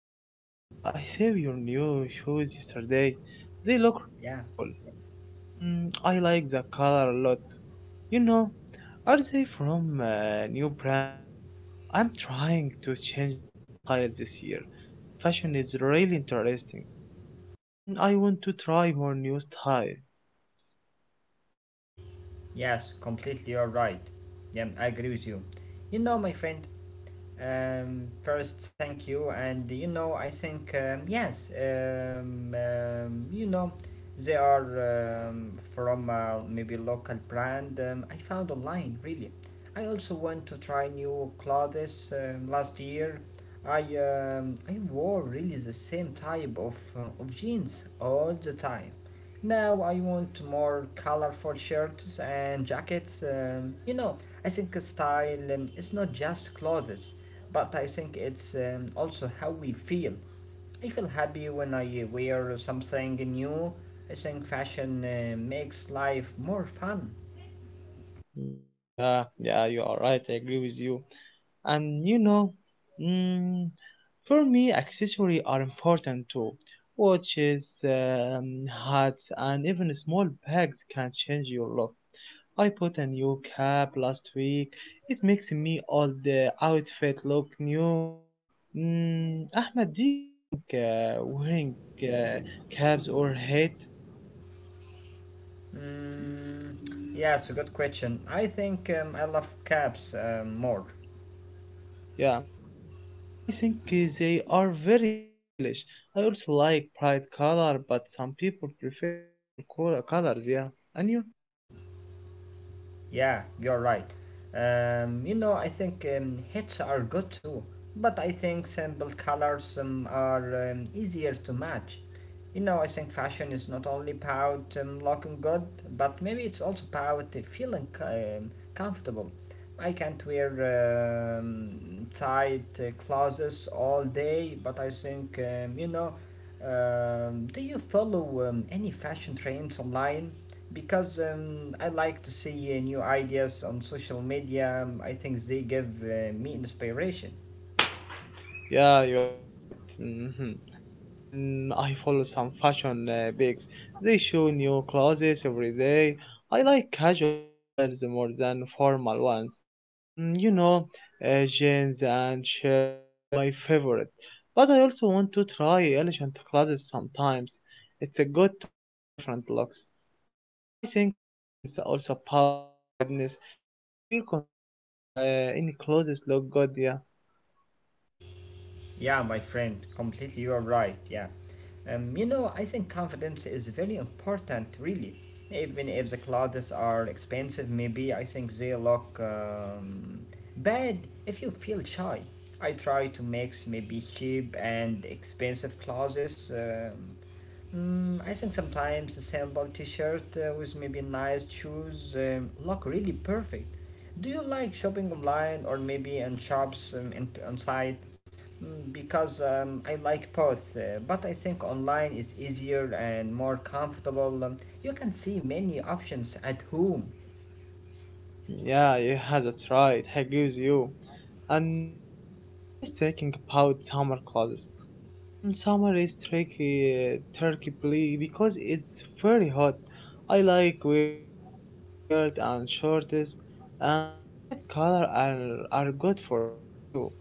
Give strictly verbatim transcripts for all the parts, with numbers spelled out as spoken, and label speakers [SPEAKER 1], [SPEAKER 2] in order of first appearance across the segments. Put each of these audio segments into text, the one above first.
[SPEAKER 1] Ahmed, uh, I saw your new shoes yesterday. They look really cool.
[SPEAKER 2] Yeah,
[SPEAKER 1] Mm, I like the color a lot. You know, are they from a new brand? I'm trying to change my style this year. Fashion is really interesting. Mm, I want to try more new style.
[SPEAKER 2] yes, completely you're right. Yeah, I agree with you. You know, my friend, um, first, thank you, and you know, I think, um, yes, um, um, you know, they are um, from uh, maybe local brand um, I found online, really. I also want to try new clothes um, last year. I um, I wore really the same type of, uh, of jeans all the time. Now I want more colorful shirts and jackets. Um, you know, I think style um, is not just clothes, but I think it's um, also how we feel. I feel happy when I wear something new. I think fashion uh, makes life more fun.
[SPEAKER 1] Mm. Yeah, yeah, you are right. I agree with you. And you know, mm, for me accessories are important too. Watches, um, hats, and even small bags can change your look. I put a new cap last week. It makes me all the outfit look new. Mm, Ahmed, do you think uh, wearing uh, caps or hat?
[SPEAKER 2] Mm, yeah, it's a good question. I think um, I love caps um, more.
[SPEAKER 1] Yeah, you know, I think uh, they are very stylish. I also like bright color, but some people prefer simple color colors. Yeah, and you?
[SPEAKER 2] Yeah, you're right. Um, you know, I think um, hits are good too, but I think simple colors um, are um, easier to match. You know, I think fashion is not only about um, looking good, but maybe it's also about uh, feeling um, comfortable. I can't wear um, tight uh, clothes all day, but I think, um, you know, um, do you follow um, any fashion trends online? Because um, I like to see uh, new ideas on social media. Um, I think they give uh, me inspiration.
[SPEAKER 1] Yeah, you are right. Hmm. And I follow some fashion uh, bigs. They show new clothes every day. I like casual styles more than formal ones. Mm, you know, uh, jeans and shirt are my favorite. But I also want to try elegant clothes sometimes. It's uh, good to have different looks. Mm, I think style is also about confidence. If you feel confident, uh, any clothes look good, yeah.
[SPEAKER 2] Yeah, my friend, completely you are right. Yeah. Um, you know, I think confidence is very important, really. Even if the clothes are expensive, maybe I think they look um, bad if you feel shy. I try to mix maybe cheap and expensive clothes. Um, Mm, I think sometimes a simple t-shirt uh, with maybe nice shoes um, look really perfect. Do you like shopping online or maybe in shops um, in, on site? Mm, Because um, I like both, uh, but I think online is easier and more comfortable. Um, you can see many options at home.
[SPEAKER 1] Yeah, yeah, that's right. I agree with you. And you know, I was thinking about summer clothes. Mm, summer is tricky, uh, tricky ble- because it's very hot. I like wearing light t-shirt and shorts. Um, bright color are are good for summer too.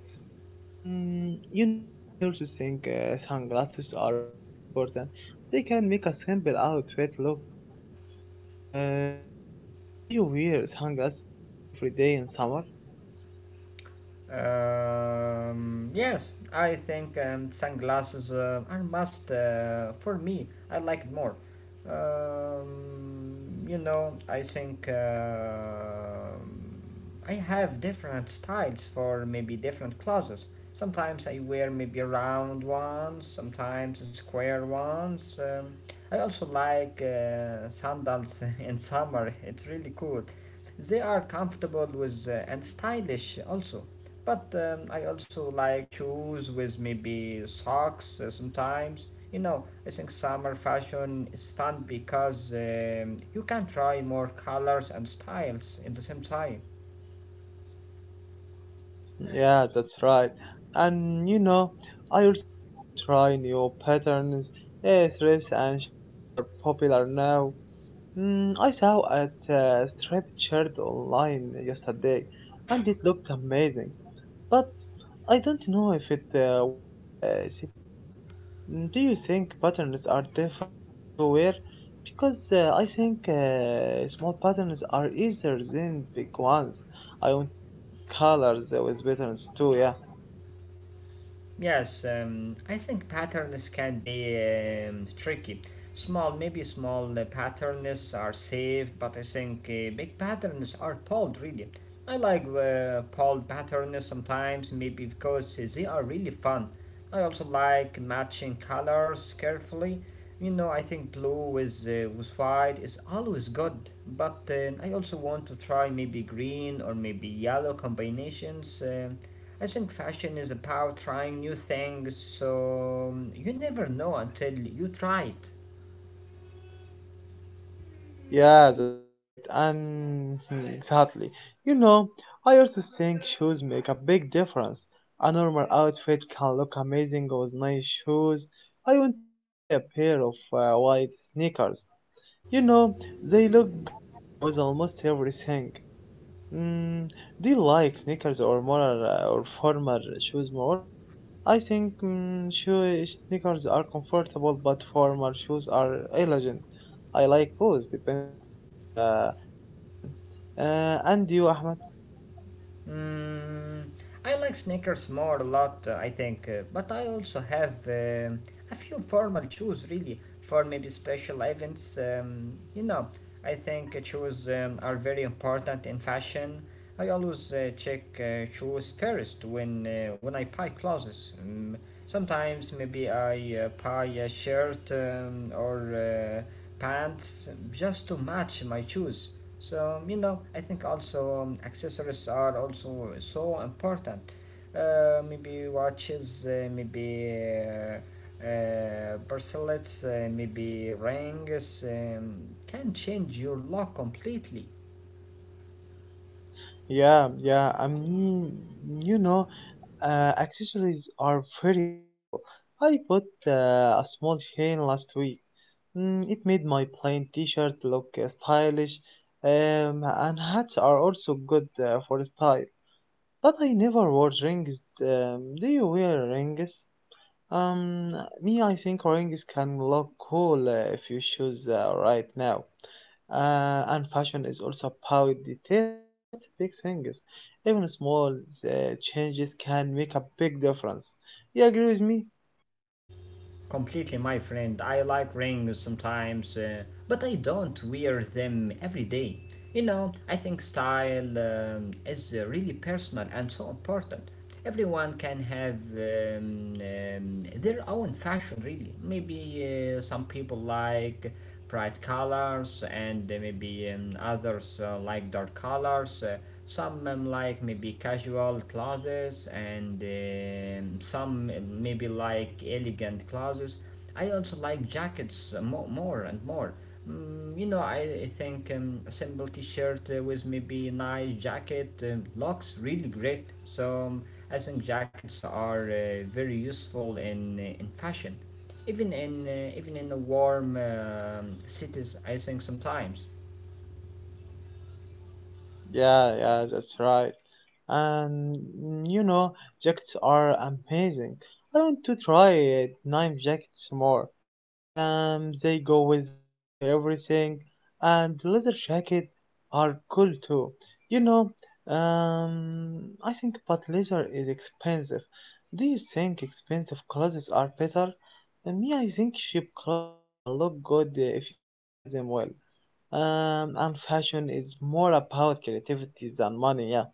[SPEAKER 1] Mm, you know, I also think uh, sunglasses are very important. They can make a simple outfit look cool. Um, Ahmed, do you wear sunglasses uh, every day in summer?
[SPEAKER 2] Um, yes, I think um, sunglasses uh, are must uh, for me. I like it more. Um, you know, I think uh, I have different styles for maybe different clothes. Sometimes I wear maybe round ones, sometimes square ones. Um, I also like uh, sandals in summer. It's really cool. They are comfortable with uh, and stylish also. But um, I also like shoes with maybe socks uh, sometimes. You know, I think summer fashion is fun because um, you can try more colors and styles in the same time.
[SPEAKER 1] Yeah, that's right. And you know, I also want to try new patterns. Eh, strips and shakes are popular now. Mm, I saw a uh, striped shirt online yesterday, and it looked amazing. But I don't know if it uh, will uh, suit me. Mm, do you think patterns are difficult to wear? Because uh, I think uh, small patterns are easier than big ones. I want to mix colors with patterns too, yeah.
[SPEAKER 2] Yes, um, I think patterns can be um, tricky. Small, maybe small uh, patterns are safe, but I think uh, big patterns are pulled really. I like uh, pulled patterns sometimes, maybe because they are really fun. I also like matching colors carefully. You know, I think blue with uh, with white is always good, but uh, I also want to try maybe green or maybe yellow combinations. Um I think fashion is about trying new things, so um, you never know until you try it.
[SPEAKER 1] Yeah, that's right. And hmm, exactly. You know, I also think shoes make a big difference. A normal outfit can look amazing with nice shoes. I want to buy a pair of uh, white sneakers. You know, they look good uh, with almost everything. Mm, do you like sneakers or more uh, or formal shoes more? I think mm, shoe sneakers are comfortable, but formal shoes are elegant. I like both depending on the session. Uh, and you, Ahmed?
[SPEAKER 2] Mm, I like sneakers more a lot, uh, I think, uh, but I also have um a few formal shoes really for maybe special events. Um, you know, I think uh, shoes um, are very important in fashion. I always uh, check uh, shoes first when uh, when I buy clothes. Um, sometimes maybe I uh, buy a shirt um, or uh, pants just to match my shoes. So um, you know, I think also um, accessories are also so important. Uh, maybe watches, uh, maybe uh, uh, bracelets, uh, maybe rings um, can change your look completely.
[SPEAKER 1] Yeah, yeah. I mean, you know, Uh, accessories are very powerful. I bought uh, a small chain last week. Mm, it made my plain t-shirt look uh, stylish, um, and hats are also good uh, for style. But I never wore rings. Um, do you wear rings? Um, me, I think rings can look cool uh, if you choose uh, right now. Uh, and fashion is also about details, not just big things. Even small uh, changes can make a big difference. You agree with me?
[SPEAKER 2] Completely, my friend. I like rings sometimes, uh, but I don't wear them every day. You know, I think style um, is uh, really personal and so important. Everyone can have um, um, their own fashion, really. Maybe uh, some people like bright colors, and uh, maybe um, others uh, like dark colors. Uh, some um, like maybe casual clothes and um, some uh, maybe like elegant clothes. I also like jackets uh, more and more. Mm, you know, I, I think um, a simple t-shirt uh, with maybe a nice jacket um, looks really great. So um, I think jackets are uh, very useful in uh, in fashion, even in uh, even in the warm um cities. I think sometimes.
[SPEAKER 1] Yeah, yeah, that's right. And mm, you know, jackets are amazing. I want to try it, nine jackets more. Um, they go with almost everything, and leather jacket are cool too. You know, um, I think but leather is expensive. Do you think expensive clothes are better? Uh, Me, I think cheap clothes can look good if you style them well. Um, and fashion is more about creativity than money. Yeah,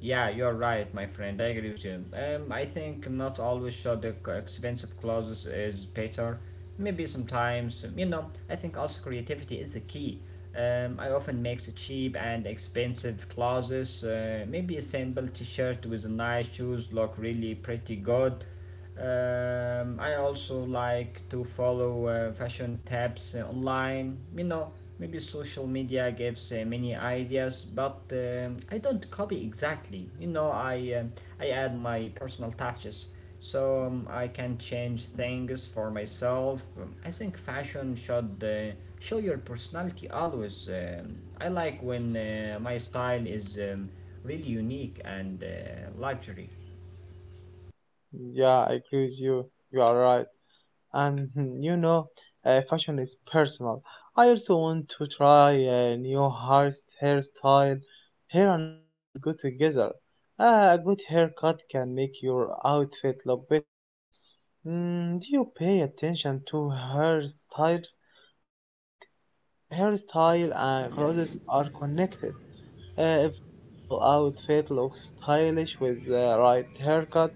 [SPEAKER 2] Yeah, you're right, my friend. I agree with you. Um, I think not always sure the c- expensive clothes is better. Maybe sometimes, um, you know. I think also creativity is the key. Um, I often mix cheap and expensive clothes. Uh, maybe a simple T-shirt with nice shoes look really pretty good. Um, I also like to follow uh, fashion tabs uh, online. You know, maybe social media gives uh, many ideas, but um I don't copy exactly. You know, I um I add my personal touches, so um, I can change things for myself. Um, I think fashion should uh, show your personality always. Um, I like when uh, my style is um, really unique and uh, luxury.
[SPEAKER 1] yeah, I agree with you. You are right. And you know, uh, fashion is personal. I also want to try a new hair hairstyle. Hair and clothes go together. Uh, a good haircut can make your outfit look better. Mm, do you pay attention to hairstyles? I think hairstyle and
[SPEAKER 2] Yeah.
[SPEAKER 1] clothes are connected. Uh, even a simple outfit looks stylish with the right haircut.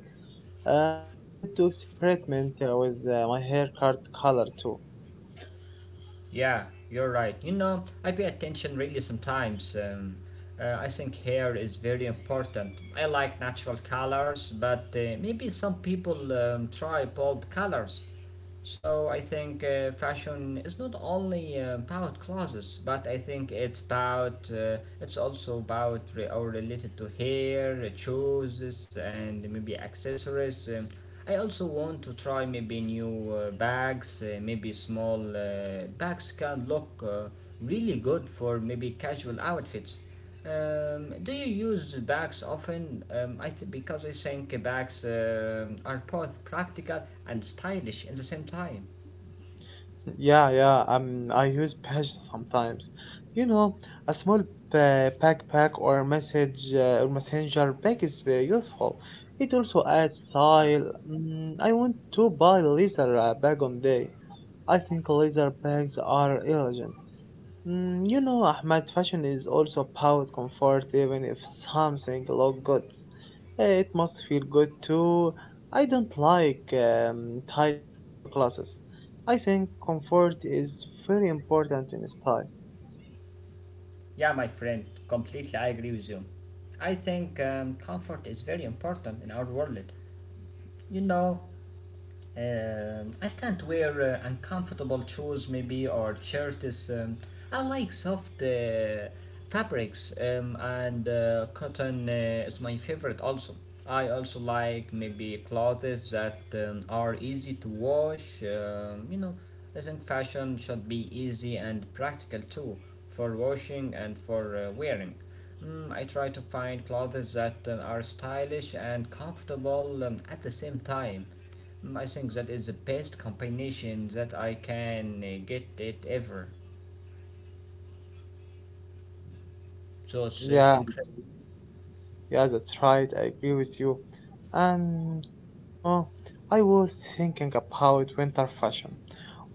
[SPEAKER 1] Uh, I would do experiment uh, with uh, my haircut color too.
[SPEAKER 2] Yeah, you're right. You know, I pay attention really sometimes. Um, uh, I think hair is very important. I like natural colors, but uh, maybe some people um, try bold colors. So I think uh, fashion is not only uh, about clothes, but I think it's about uh, it's also about re- or related to hair, shoes, and maybe accessories. Um, I also want to try maybe new uh, bags, uh, maybe small uh, bags can look uh, really good for maybe casual outfits. Um, do you use bags often? Um, I th- because I think bags um are both practical and stylish in the same time.
[SPEAKER 1] Yeah, yeah, um, I use patch sometimes. You know, a small pa- backpack or message uh, or messenger bag is uh, useful. It also adds
[SPEAKER 2] Uh,
[SPEAKER 1] style. Mm, I want to buy leather uh, bag on day. I think leather bags are elegant. Mm, you know, Ahmad, fashion is also about comfort, even if something look good. Eh, it must feel good too. I don't like um, tight or heavy clothes. I think comfort is very important in style.
[SPEAKER 2] yeah, my friend, completely I agree with you. I think um, comfort is very important in our world. You know, Um, I can't wear uh, uncomfortable shoes, maybe, or shirts. Um, I like soft uh, fabrics, um, and uh, cotton uh, is my favorite also. I also like maybe clothes that um, are easy to wash. Um, you know, I think fashion should be easy and practical too for washing and for uh, wearing. Mm, I try to find clothes that uh, are stylish and comfortable um, at the same time. I think that is the best combination that I can uh, get it ever. So it's
[SPEAKER 1] Yeah,
[SPEAKER 2] really incredible.
[SPEAKER 1] yeah, that's right. I agree with you. And you know, I was thinking about winter fashion.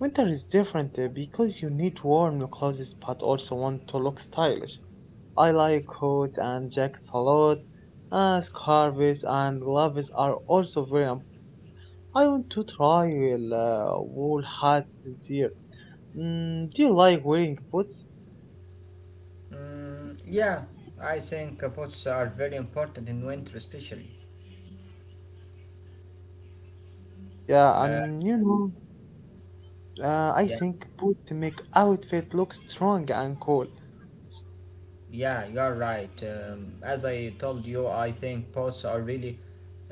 [SPEAKER 1] Winter is different eh, because you need warm clothes but also want to look stylish. I like coats and jackets a lot. Uh, scarves and gloves are also very important. I want to try uh, wool hats this year. Mm, do you like wearing boots?
[SPEAKER 2] Mm, yeah, I think uh, boats are very important in winter, especially.
[SPEAKER 1] Yeah,
[SPEAKER 2] Uh,
[SPEAKER 1] and you know, uh, I
[SPEAKER 2] yeah,
[SPEAKER 1] think boots make outfit look strong and cool.
[SPEAKER 2] yeah, you're right. Um, as I told you, I think boats are really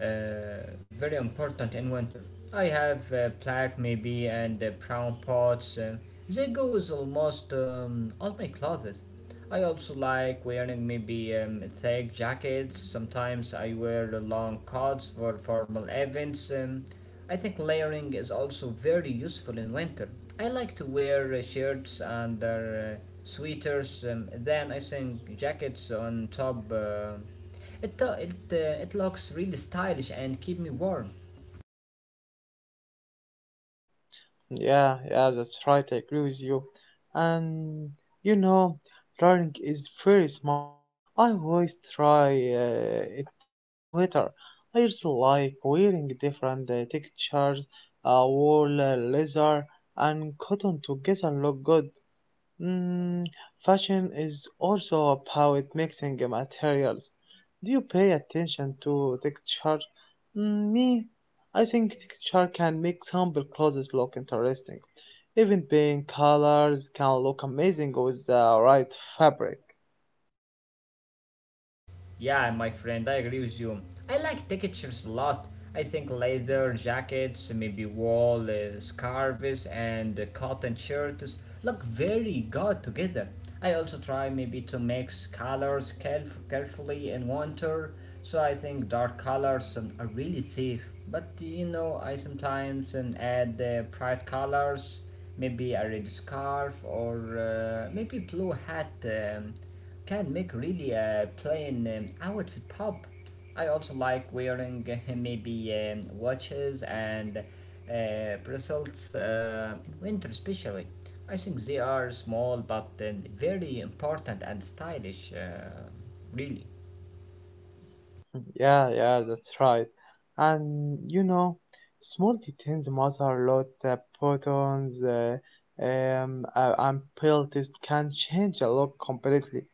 [SPEAKER 2] uh, very important in winter. I have uh, black maybe and uh, brown pots. Uh, they go with almost um, all my clothes. I also like wearing maybe um, thick jackets. Sometimes I wear the long coats for formal events. Um, I think layering is also very useful in winter. I like to wear uh, shirts and uh, sweaters. Um, then I think jackets on top. Uh, it, uh, it, uh, it looks really stylish and keep me warm.
[SPEAKER 1] Yeah, yeah, that's right. I agree with you. And you know, learning is very smart. I always try uh, it uh, in winter. I also like wearing different uh, textures, uh, wool, uh, leather, and cotton together look good. Mm, fashion is also about mixing materials. Do you pay attention to texture? Mm, me, I think texture can make simple clothes look interesting. Even paint colors can look amazing with the right fabric.
[SPEAKER 2] Yeah, my friend, I agree with you. I like textures a lot. I think leather jackets, maybe wool uh, scarves, and uh, cotton shirts look very good together. I also try maybe to mix colors caref- carefully in winter, so I think dark colors um, are really safe. But you know, I sometimes um, add uh, bright colors, maybe a red scarf or uh, maybe blue hat. Um, can make really uh, plain um, outfit pop. I also like wearing uh, maybe um, watches and uh, bracelets uh, in winter, especially. I think they are small but um, very important and stylish, uh, really.
[SPEAKER 1] Yeah, yeah, that's right. And you know, small details matter a lot. The buttons, uh, um, uh, and pelts can change a lot completely.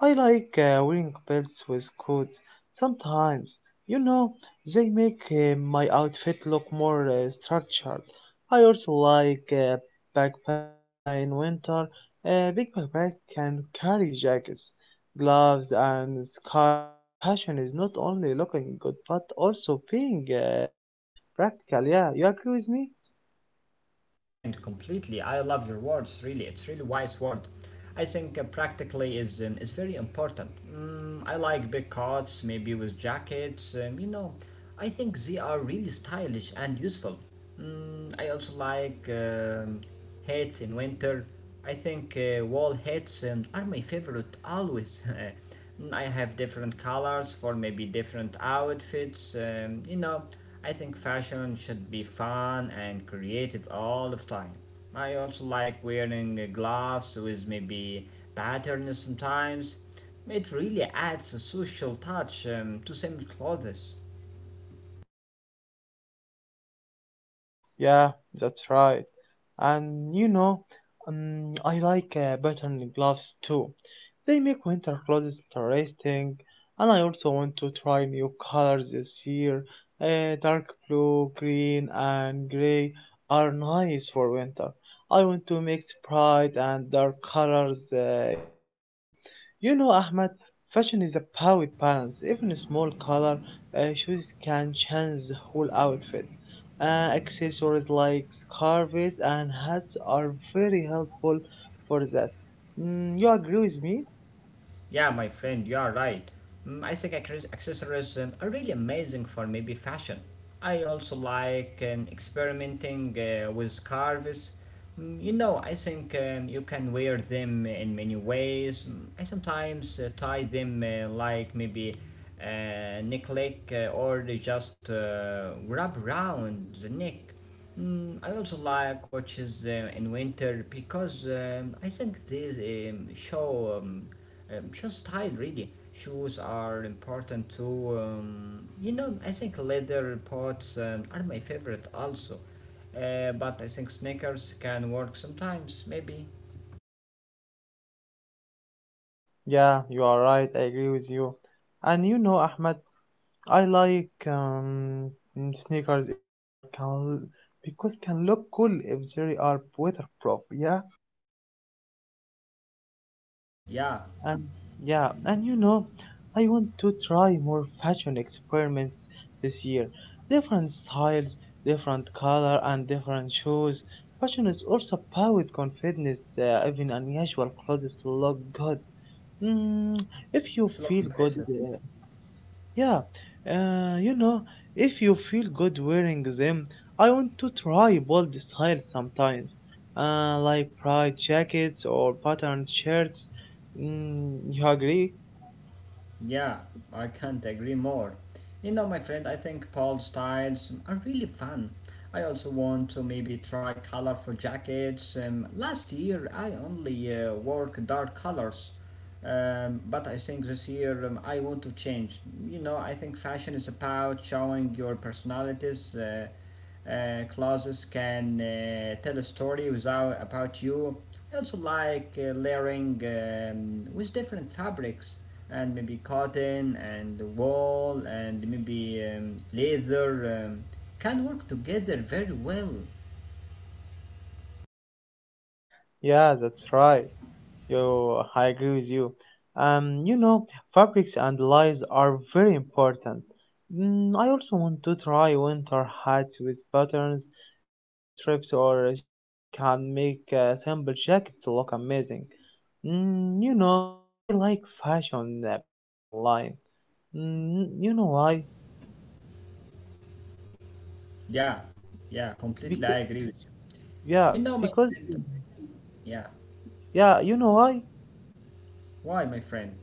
[SPEAKER 1] I like uh, wearing belts with coats sometimes. You know, they make uh, my outfit look more uh, structured. I also like uh, backpacks uh, in winter. Uh, big backpack can carry jackets, gloves, and scarves. Fashion is not only looking good but also being uh, practical. Yeah, you agree with me?
[SPEAKER 2] Yeah, my friend, completely. I love your words. Really, it's really wise word. I think uh, practically is um, is very important. Mm, I like big coats, maybe with jackets. Um, you know, I think they are really stylish and useful. Mm, I also like um, hats in winter. I think uh, wall hats um, are my favorite always. I have different colors for maybe different outfits. Um, you know, I think fashion should be fun and creative all the time. I also like wearing uh, gloves with maybe patterns sometimes. It really adds a social touch um, to same clothes.
[SPEAKER 1] Yeah, that's right. And you know, um, I like uh, patterned gloves too. They make winter clothes interesting, and I also want to try new colors this year. Uh, dark blue, green, and gray are nice for winter. I want to mix bright and dark colors uh, carefully. You know, Ahmed, fashion is about balance. Even a small color uh, shoes can change the whole outfit. Uh, accessories like scarves and hats are very helpful for that. Mm, you agree with me?
[SPEAKER 2] Yeah, my friend, you are right. Mm, I think access- accessories um, are really amazing for maybe fashion. I also like um, experimenting uh, with carves. Mm, You know, I think um, you can wear them in many ways. Mm, I sometimes uh, tie them uh, like maybe a necklace uh, or they just uh, wrap around the neck. Mm, I also like watches uh, in winter because um, I think these um, show um, um, just style really. Shoes are important too. Um, you know, I think leather pots um, are my favorite also. Uh, but I think sneakers can work sometimes, maybe.
[SPEAKER 1] Yeah, you are right. I agree with you. And you know, Ahmed, I like um, mm, sneakers in winter can, because can look cool if they are weatherproof. Yeah.
[SPEAKER 2] Yeah.
[SPEAKER 1] And yeah, and you know, I want to try more fashion experiments this year. Different styles, different color, and different shoes. Fashion is also about confidence. Uh, even unusual clothes look good. Mm, if you
[SPEAKER 2] It's look
[SPEAKER 1] feel good,
[SPEAKER 2] impressive.
[SPEAKER 1] uh, yeah, uh, you know, if you feel good wearing them, I want to try bold styles sometimes, uh, like bright jackets or patterned shirts. Mm, you agree?
[SPEAKER 2] Yeah, I can't agree more. You know, my friend, I think Paul styles are really fun. I also want to maybe try colorful jackets. Um, last year, I only uh, wore dark colors. Um, but I think this year um, I want to change. You know, I think fashion is about showing your personalities. Uh, uh, clothes can uh, tell a story without about you. I also like uh, layering um, with different fabrics, and maybe cotton and wool and maybe um, leather um, can work together very well.
[SPEAKER 1] Yeah, that's right. Yo, I agree with you. Um, you know, fabrics and lives are very important. Mm, I also want to try winter hats with patterns. Uh, strips or shakes can make uh, simple jackets look amazing. Mm, you know, I like fashion uh, bags online. Mm, you know why?
[SPEAKER 2] Yeah, yeah, completely.
[SPEAKER 1] Because,
[SPEAKER 2] I agree with you.
[SPEAKER 1] yeah,
[SPEAKER 2] You know, my
[SPEAKER 1] because,
[SPEAKER 2] friend. Yeah.
[SPEAKER 1] yeah, you know why?
[SPEAKER 2] Why, my friend?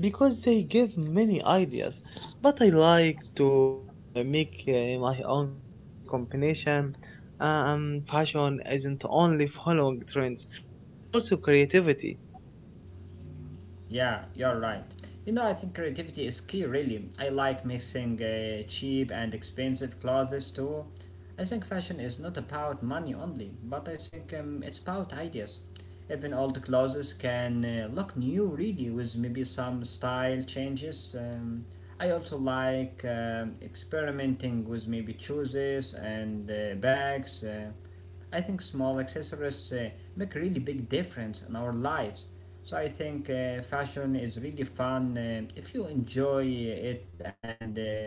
[SPEAKER 1] Because they give many ideas. But I like to uh, make uh, my own comp- combination. Um, fashion isn't only following trends; it's also creativity.
[SPEAKER 2] Yeah, you're right. You know, I think creativity is key, really. I like mixing uh, cheap and expensive clothes too. I think fashion is not about money only, but I think um, it's about ideas. Even old clothes can uh, look new, really, with maybe some style changes. Um, I also like um, experimenting with maybe shoes and uh, bags. Uh, I think small accessories uh, make really big difference in our lives. So I think uh, fashion is really fun uh, if you enjoy it and um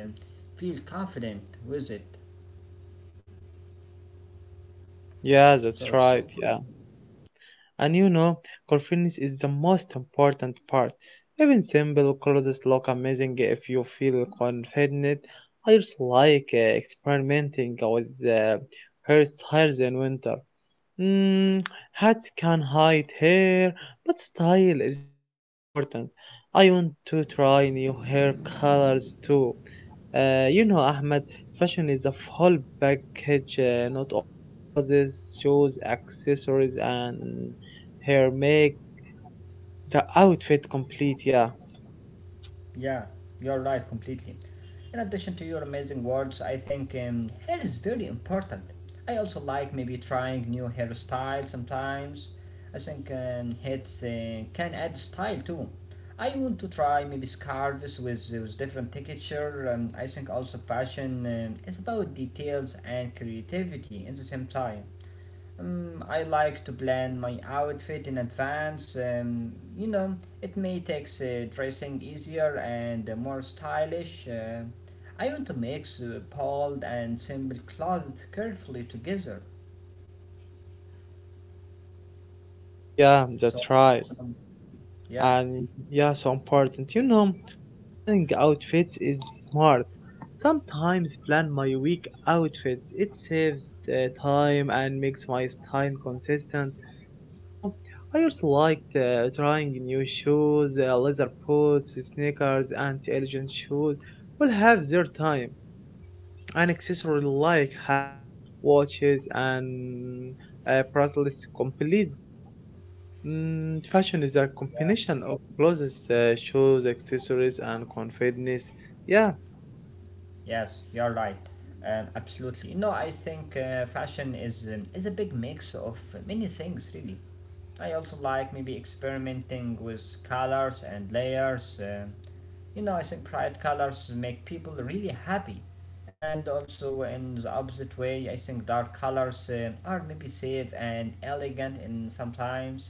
[SPEAKER 2] feel confident with it.
[SPEAKER 1] Yeah,
[SPEAKER 2] So
[SPEAKER 1] that's
[SPEAKER 2] it's so,
[SPEAKER 1] right. Yeah. And you know, confidence is the most important part. Even simple clothes look amazing if you feel confident. I just like uh, experimenting with uh, hairstyles in winter. Mm, hats can hide hair, but style is still important. I want to try new hair colors too. Uh, you know, Ahmed, fashion is a full package, uh, not only clothes, shoes, accessories, and hair make the outfit complete. Yeah,
[SPEAKER 2] yeah, you're right completely. In addition to your amazing words, I think um, hair is very important. I also like maybe trying new hairstyles sometimes. I think um, hats uh, can add style too. I want to try maybe scarves with, with different texture. Um, I think also fashion um, is about details and creativity at the same time. Um, I like to plan my outfit in advance. Um, you know, it may take uh, dressing easier and uh, more stylish. Uh, I want to mix uh, bold and simple clothes carefully together.
[SPEAKER 1] yeah,
[SPEAKER 2] So,
[SPEAKER 1] that's right.
[SPEAKER 2] some, yeah,
[SPEAKER 1] And yeah, so important. You know, planning outfits is smart. Sometimes plan my week outfits. It saves uh, time and makes my time consistent. You know, I also liked uh, trying new shoes, uh, leather boots, sneakers, and elegant shoes will have their time. And accessory like hats, watches, and uh, bracelets complete the look. Mm, fashion is a
[SPEAKER 2] yeah,
[SPEAKER 1] combination of clothes, uh, shoes, accessories, and confidence. Yeah,
[SPEAKER 2] yes, you're right. Um, absolutely. No, I think uh, fashion is um, is a big mix of many things, really. I also like maybe experimenting with colors and layers. um You know, I think bright colors make people really happy. And also, in the opposite way, I think dark colors uh, are maybe safe and elegant in sometimes.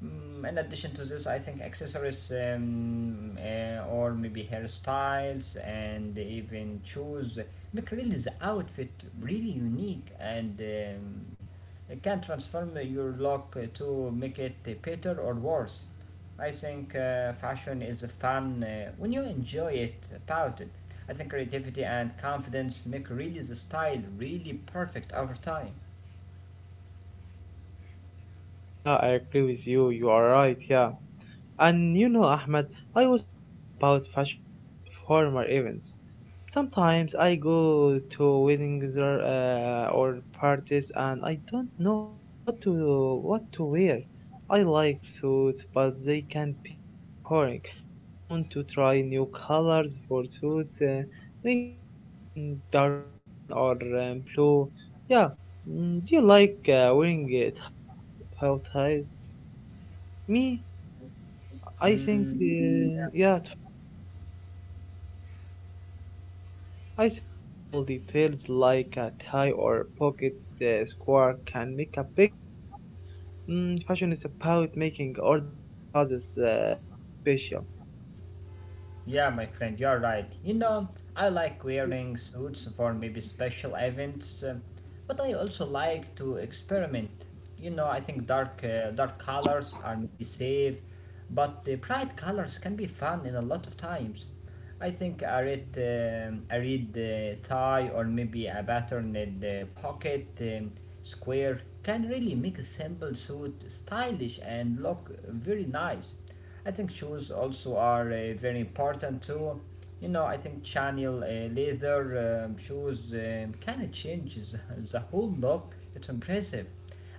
[SPEAKER 2] Mm, in addition to this, I think accessories um, uh, or maybe hairstyles and even shoes make really the outfit really unique and um, it can transform your look to make it better or worse. I think uh, fashion is fun uh, when you enjoy it about it. I think creativity and confidence make really the style really perfect over time.
[SPEAKER 1] yeah, I agree with you. You are right. Yeah. And you know, Ahmed, I was thinking about fashion for formal events. Sometimes I go to weddings or, uh, or parties and I don't know what to what to wear. I like suits, but they can be boring. I want to try new colors for suits, uh, maybe mm, dark green or um, blue. Yeah. Mm, do you like uh, wearing uh, ties or bow ties? Me, I
[SPEAKER 2] Mm,
[SPEAKER 1] think, uh, yeah, t- I think small details like a tie or pocket uh, square can make a big difference. Mm, fashion is about making ordinary clothes uh, look special.
[SPEAKER 2] Yeah, my friend, you're right. You know, I like wearing suits for maybe special events, uh, but I also like to experiment. You know, I think dark uh, dark colors are maybe safe, but the bright colors can be fun in a lot of times. I think a red um, I read the tie or maybe a patterned in pocket um, square can really make a simple suit stylish and look very nice. I think shoes also are uh, very important too. You know, I think channel uh, leather um, shoes um, kind of changes the whole look. It's impressive.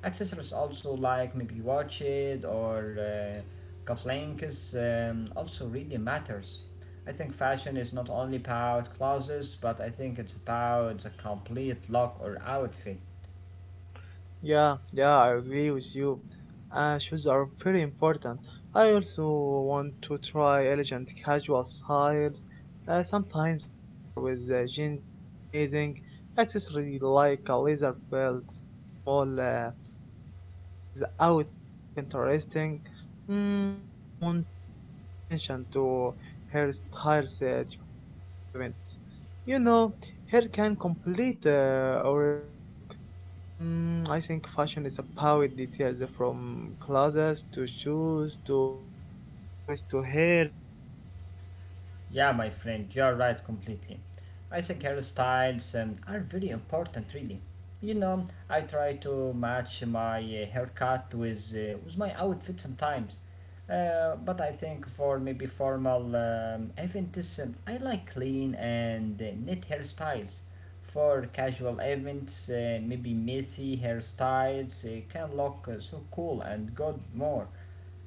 [SPEAKER 2] Accessories also like maybe watches or uh, cufflinks um, also really matters. I think fashion is not only about clothes, but I think it's about the complete look or outfit.
[SPEAKER 1] Yeah, yeah, I agree with you. Uh, shoes are pretty important. I also want to try elegant casual styles. Uh, sometimes a blazer with uh, jeans look amazing. Accessory like a leather belt uh, or small uh, bracelet makes the outfit look interesting. Mm, I also want to pay attention to hairstyles uh, during formal events. You know, hair can complete uh, or in a look. Mm, I think fashion is about details from clothes to shoes to accessories to hair. Yeah,
[SPEAKER 2] Yeah, my friend, you are right completely. I think hairstyles um, are very important, really. You know, I try to match my uh, haircut with uh, with my outfit sometimes. Uh, but I think for maybe formal um, events, um, I like clean and uh, neat hairstyles. For casual events, uh, maybe messy hairstyles uh, can look uh, so cool and good more.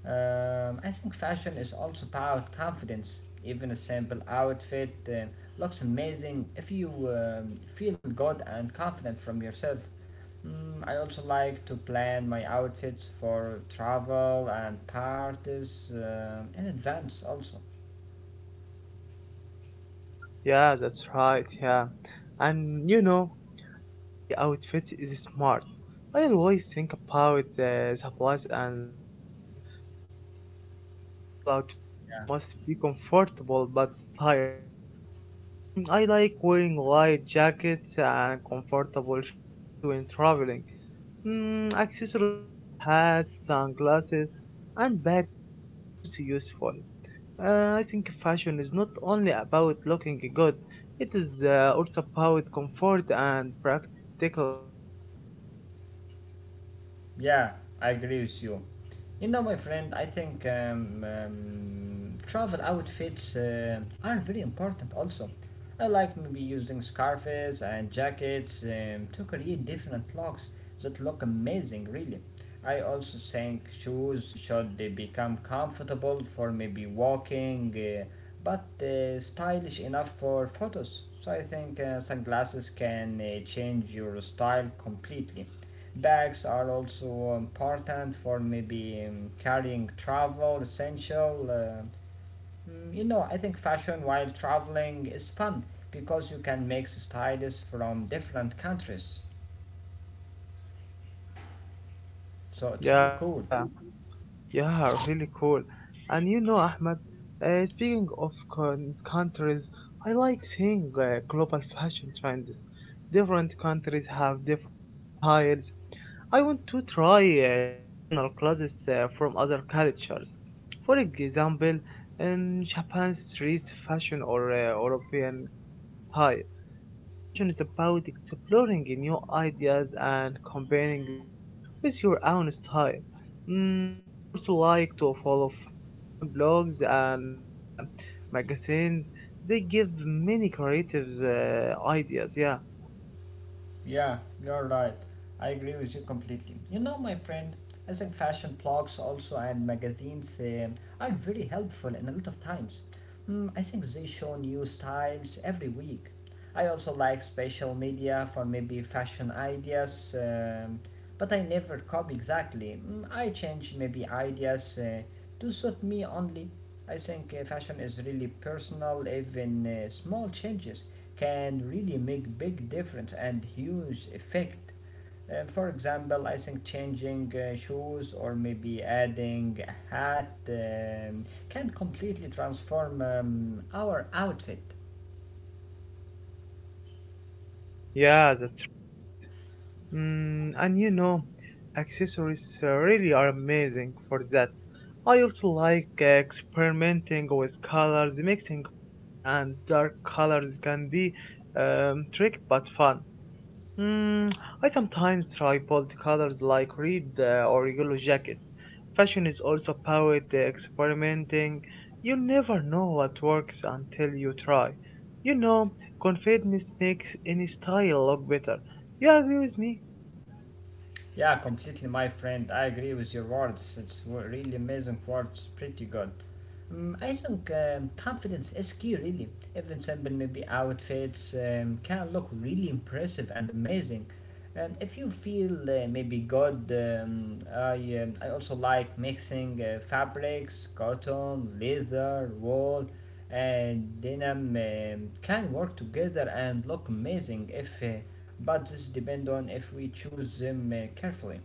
[SPEAKER 2] Um, I think fashion is also about confidence. Even a simple outfit uh, looks amazing if you um, feel good and confident from yourself. Mm, I also like to plan my outfits for travel and parties um in advance, also.
[SPEAKER 1] yeah, that's right. Yeah, and you know, planning outfits is smart. I always think about the supplies and the weather. For example, travel outfits must be comfortable but stylish. Um, I like wearing light jackets and comfortable shoes when traveling. Mm, accessories like hats, sunglasses, and bags are also useful. Uh, I think fashion is not only about looking good, it is uh, also about comfort and practicality. Yeah,
[SPEAKER 2] Yeah, I agree with you. You know, my friend, I think um, um, travel outfits uh, are very important also. I like maybe using scarves and jackets um, to create different looks that look amazing, really. I also think shoes should they become comfortable for maybe walking, uh, but uh, stylish enough for photos. So I think uh, sunglasses can uh, change your style completely. Bags are also important for maybe um, carrying travel essential. Uh, mm, you know, I think fashion while traveling is fun because you can mix styles from different countries. So it's really
[SPEAKER 1] yeah,
[SPEAKER 2] cool.
[SPEAKER 1] yeah, yeah, really cool. And you know, Ahmed, uh, speaking of con- countries, I like seeing uh, global fashion trends. Different countries have different styles. I want to try uh, traditional clothes uh, from other cultures. For example, um, Japan's street fashion or uh, European casual style. Uh, fashion is about exploring new ideas and combining them with your own style. Mm, I also like to follow fashion blogs and ma- magazines. They give many creative uh, ideas. Yeah,
[SPEAKER 2] Yeah, you're right. I agree with you completely. You know, my friend, I think fashion blogs also and magazines um are very helpful in a lot of times. Mm, I think they show new styles every week. I also like special media for maybe fashion ideas, um, but I never copy exactly. Mm, I change maybe ideas uh, to suit me only. I think uh, fashion is really personal, even uh, small changes can really make big difference and huge effect. Uh, for example, I think changing uh, shoes or maybe adding a hat um, can completely transform um, our outfit.
[SPEAKER 1] yeah, that's right. Mm, and you know, accessories uh, really are amazing for that. I also like uh, experimenting with colors, mixing bright and dark colors can be um, trick but fun. Mm, I sometimes try bold colors like red uh, or yellow jackets. Fashion is also about uh, experimenting. You never know what works until you try. You know, confidence makes any style look better. You agree with me?
[SPEAKER 2] Yeah, completely, my friend. I agree with your words. It's w- really amazing words. Pretty good. Um, I think um, confidence is key, really. Even simple, maybe outfits um, can look really impressive and amazing. And if you feel uh, maybe good, um, I, um, I also like mixing uh, fabrics, cotton, leather, wool, and denim um, can work together and look amazing if. Uh, but this depends on if we choose them uh, carefully.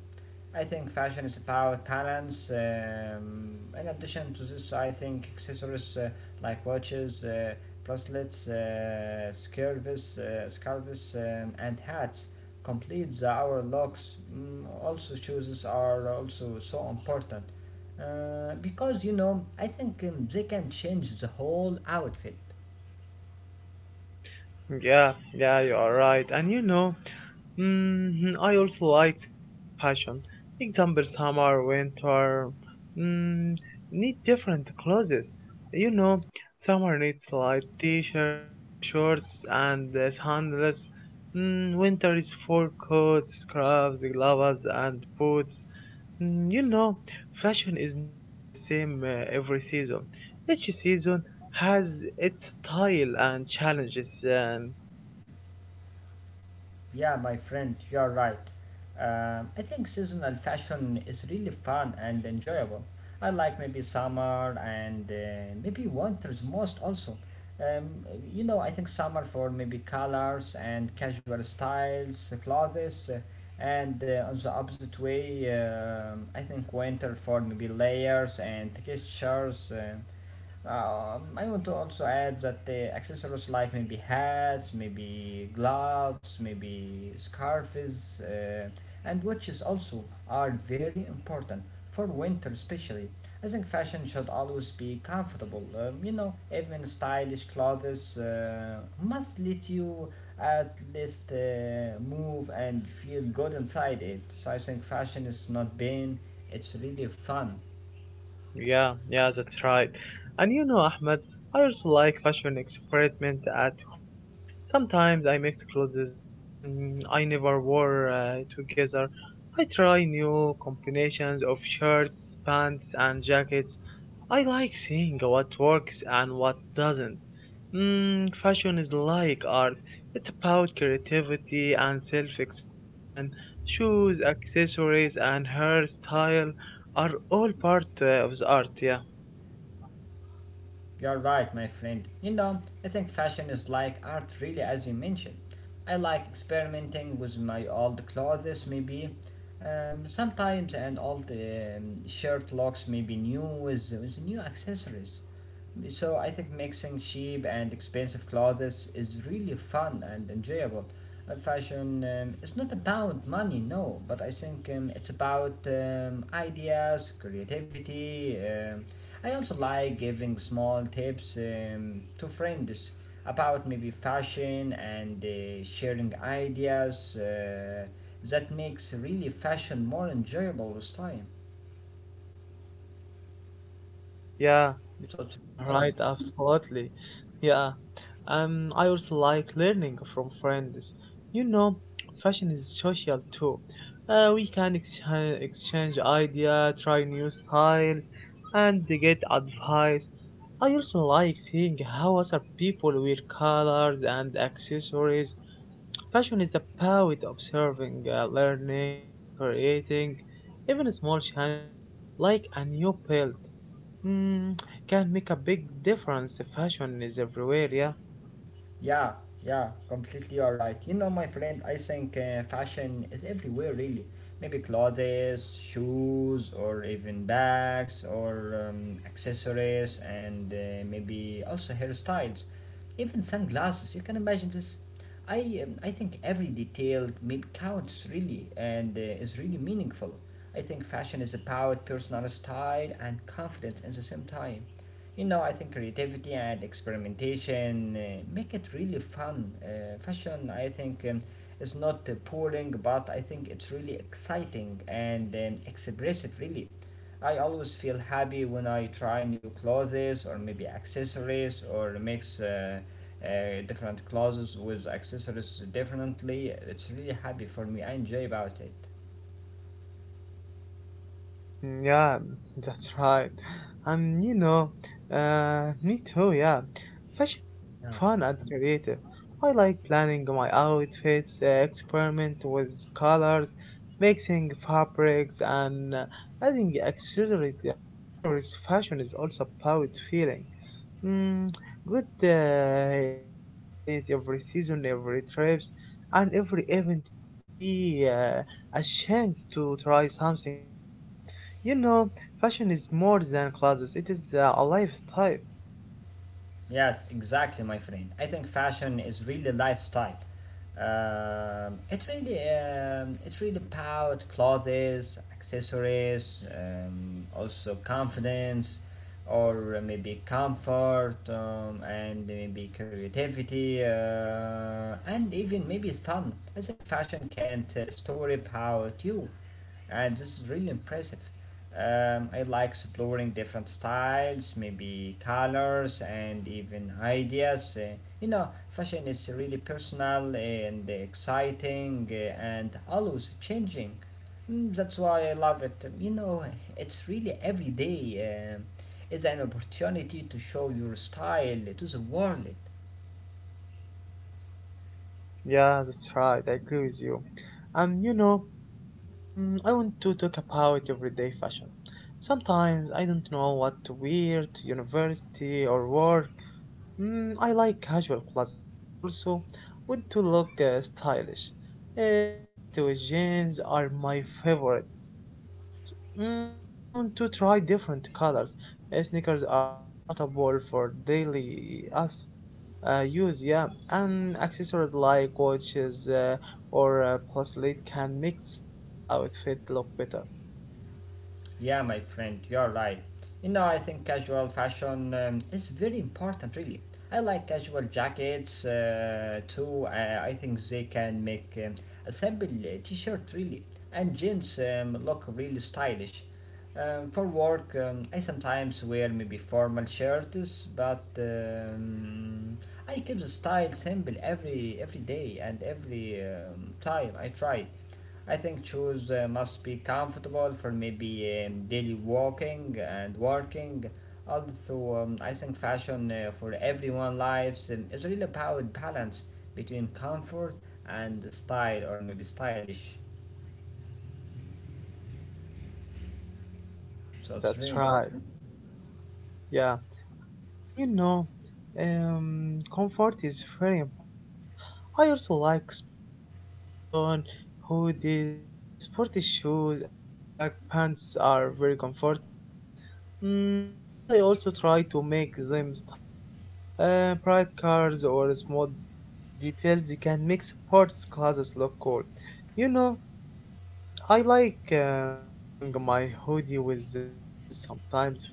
[SPEAKER 2] I think fashion is about balance. Um, in addition to this, I think accessories uh, like watches, uh, bracelets, uh, scarves, uh, scarves um, and hats complete our looks. Mm, also, shoes are also so important uh, because you know I think um, they can change the whole outfit.
[SPEAKER 1] Yeah, yeah, you are right. And you know, mm, I also like seasonal fashion. Example, summer, winter, mm, need different clothes. You know, summer needs light t-shirt, uh, shorts, and uh, sandals. Mm, winter is full coats, scarves, gloves, and boots. Mm, you know, fashion is not the same uh, every season. Each season has its style and challenges. Um,
[SPEAKER 2] Yeah, my friend, you're right. Um, I think seasonal fashion is really fun and enjoyable. I like maybe summer and uh, maybe winters most also. Um, you know, I think summer for maybe colors and casual styles, uh, clothes, uh, and uh, on the opposite way, um I think winter for maybe layers and textures. Uh, uh, I want to also add that the accessories like maybe hats, maybe gloves, maybe scarves, uh, and watches also are very important for winter, especially. I think fashion should always be comfortable. Um, you know, even stylish clothes uh, must let you at least uh, move and feel good inside it. So I think fashion is not pain; it's really fun.
[SPEAKER 1] Yeah, yeah, that's right. And you know, Ahmed, I also like fashion experiment at home. Sometimes I mix clothes mm, I never wore uh, together. I try new combinations of shirts, pants, and jackets. I like seeing what works and what doesn't. Mm, fashion is like art. It's about creativity and self-expression. Shoes, accessories, and hairstyle are all part uh, of the art. Yeah,
[SPEAKER 2] You're right, my friend. You know, I think fashion is like art, really, as you mentioned. I like experimenting with my old clothes, maybe um, sometimes, and all the um, shirt looks maybe new with, with new accessories. So I think mixing cheap and expensive clothes is really fun and enjoyable. And fashion um, is not about money, no, but I think um, it's about um, ideas, creativity, um, I also like giving small tips um, to friends about maybe fashion and uh, sharing ideas uh, that makes really fashion more enjoyable with time.
[SPEAKER 1] yeah,
[SPEAKER 2] So
[SPEAKER 1] yeah.
[SPEAKER 2] it's
[SPEAKER 1] You are
[SPEAKER 2] amazing.
[SPEAKER 1] right, absolutely. Yeah, um, I also like learning from friends. You know, fashion is social too. Uh, we can exchange exchange idea, try new styles, and get advice. I also like seeing how other people wear colors and accessories. Passion is about observing, uh, learning, and creating. Even small changes, like a new belt, mm, can make a big difference. Fashion is everywhere, yeah.
[SPEAKER 2] Yeah, yeah, completely alright. You know, my friend, I think uh, fashion is everywhere, really. Maybe clothes, shoes, or even bags, or um, accessories, and uh, maybe also hairstyles, even sunglasses. You can imagine this. I um, I think every detail maybe counts really and uh, is really meaningful. I think fashion is about personal style and confidence at the same time. You know, I think creativity and experimentation uh, make it really fun. Uh, fashion, I think, um, is not uh, boring, but I think it's really exciting and um, expressive, really. I always feel happy when I try new clothes or maybe accessories or mix uh, uh, different clothes with accessories differently. It's really happy for me. I enjoy about it.
[SPEAKER 1] Mm, yeah, that's right. And you know, uh, me too, yeah. Fashion is
[SPEAKER 2] Yeah.
[SPEAKER 1] fun and creative. I like planning my outfits, uh, experiment with colors, mixing fabrics, and uh, adding accessories. Uh, accessories. Fashion is also about feeling. Mm, good, uh, any confidence, every season, every trips, and every event can be uh, a chance to try something new. You know, fashion is more than clothes, it is uh, a lifestyle.
[SPEAKER 2] Yes, exactly, my friend. I think fashion is really lifestyle. Um, it really, um, it's really about clothes, accessories, um, also confidence, or maybe comfort, um, and maybe creativity, uh, and even maybe it's fun. I think fashion can tell a story about you and this is really impressive. Um, I like exploring different styles, maybe colors, and even ideas. Uh, you know, fashion is really personal and exciting uh, and always changing. Mm, that's why I love it. You know, it's really every day um is an opportunity to show your style to the world.
[SPEAKER 1] Yeah, that's right, I agree with you. And you know, um, I want to talk about everyday fashion. Sometimes I don't know what to wear to university or work. Mm, I like casual clothes, but I also want to look uh, stylish. Uh, shirt with jeans are my favorite. But mm, I want to try different colors. Uh, Sneakers are comfortable for daily us uh, use, yeah. And accessories like watches uh, or uh, bracelet can make simple outfit look better.
[SPEAKER 2] Yeah, my friend, you're right. You know, I think casual fashion um, is very important, really. I like casual jackets uh, too. I, I think they can make um, a simple uh, t shirt, really, and jeans um, look really stylish. Um, for work, um, I sometimes wear maybe formal shirts, but um, I keep the style simple every every day and every um, time I try. I think shoes uh, must be comfortable for maybe um, daily walking and working. Also, um, I think fashion uh, for everyone lives um, is really about balance between comfort and style or maybe stylish.
[SPEAKER 1] Yeah,
[SPEAKER 2] So it's really
[SPEAKER 1] that's right.
[SPEAKER 2] important.
[SPEAKER 1] Yeah, and you know, um, comfort is very important. I also like sports fashion, hoodies, sporty shoes, and track pants are very comfortable. Mm, but I also try to make them stylish. Uh, bright colors or small details they can make sports classes look cool. You know, I like uh, matching my hoodie with the shoes sometimes.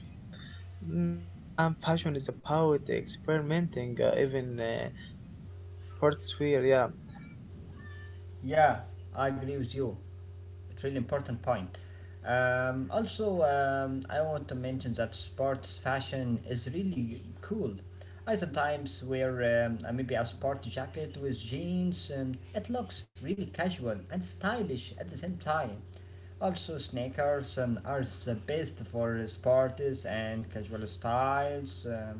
[SPEAKER 1] Mm, and passion is about experimenting, uh, even uh, in the sportswear. Yeah,
[SPEAKER 2] Yeah, I agree with you. It's really important point. Um, also, um, I want to mention that sports fashion is really cool. I sometimes wear um, uh, maybe a sport jacket with jeans. Um, it looks really casual and stylish at the same time. Also, sneakers um, are the best for sports and casual styles. Um,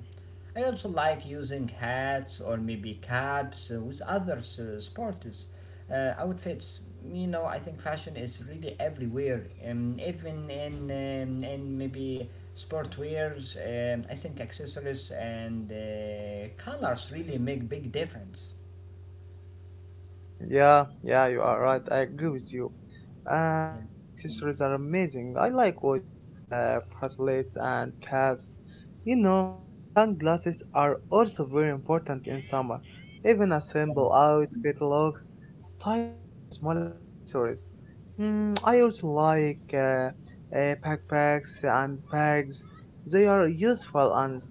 [SPEAKER 2] I also like using hats or maybe caps uh, with other uh, sports uh, outfits. You know, I think fashion is really everywhere, um, even in um, in maybe sportwears. Um, I think accessories and uh, colors really make big difference.
[SPEAKER 1] mm, yeah, yeah, you are right. I agree with you. Uh,
[SPEAKER 2] Yeah.
[SPEAKER 1] accessories are amazing. I like watches, uh, bracelets, and caps. You know, sunglasses are also very important in summer. Even a
[SPEAKER 2] Yeah.
[SPEAKER 1] simple outfit looks stylish with small accessories. Mm, I also like uh, uh, backpacks and bags. They are useful and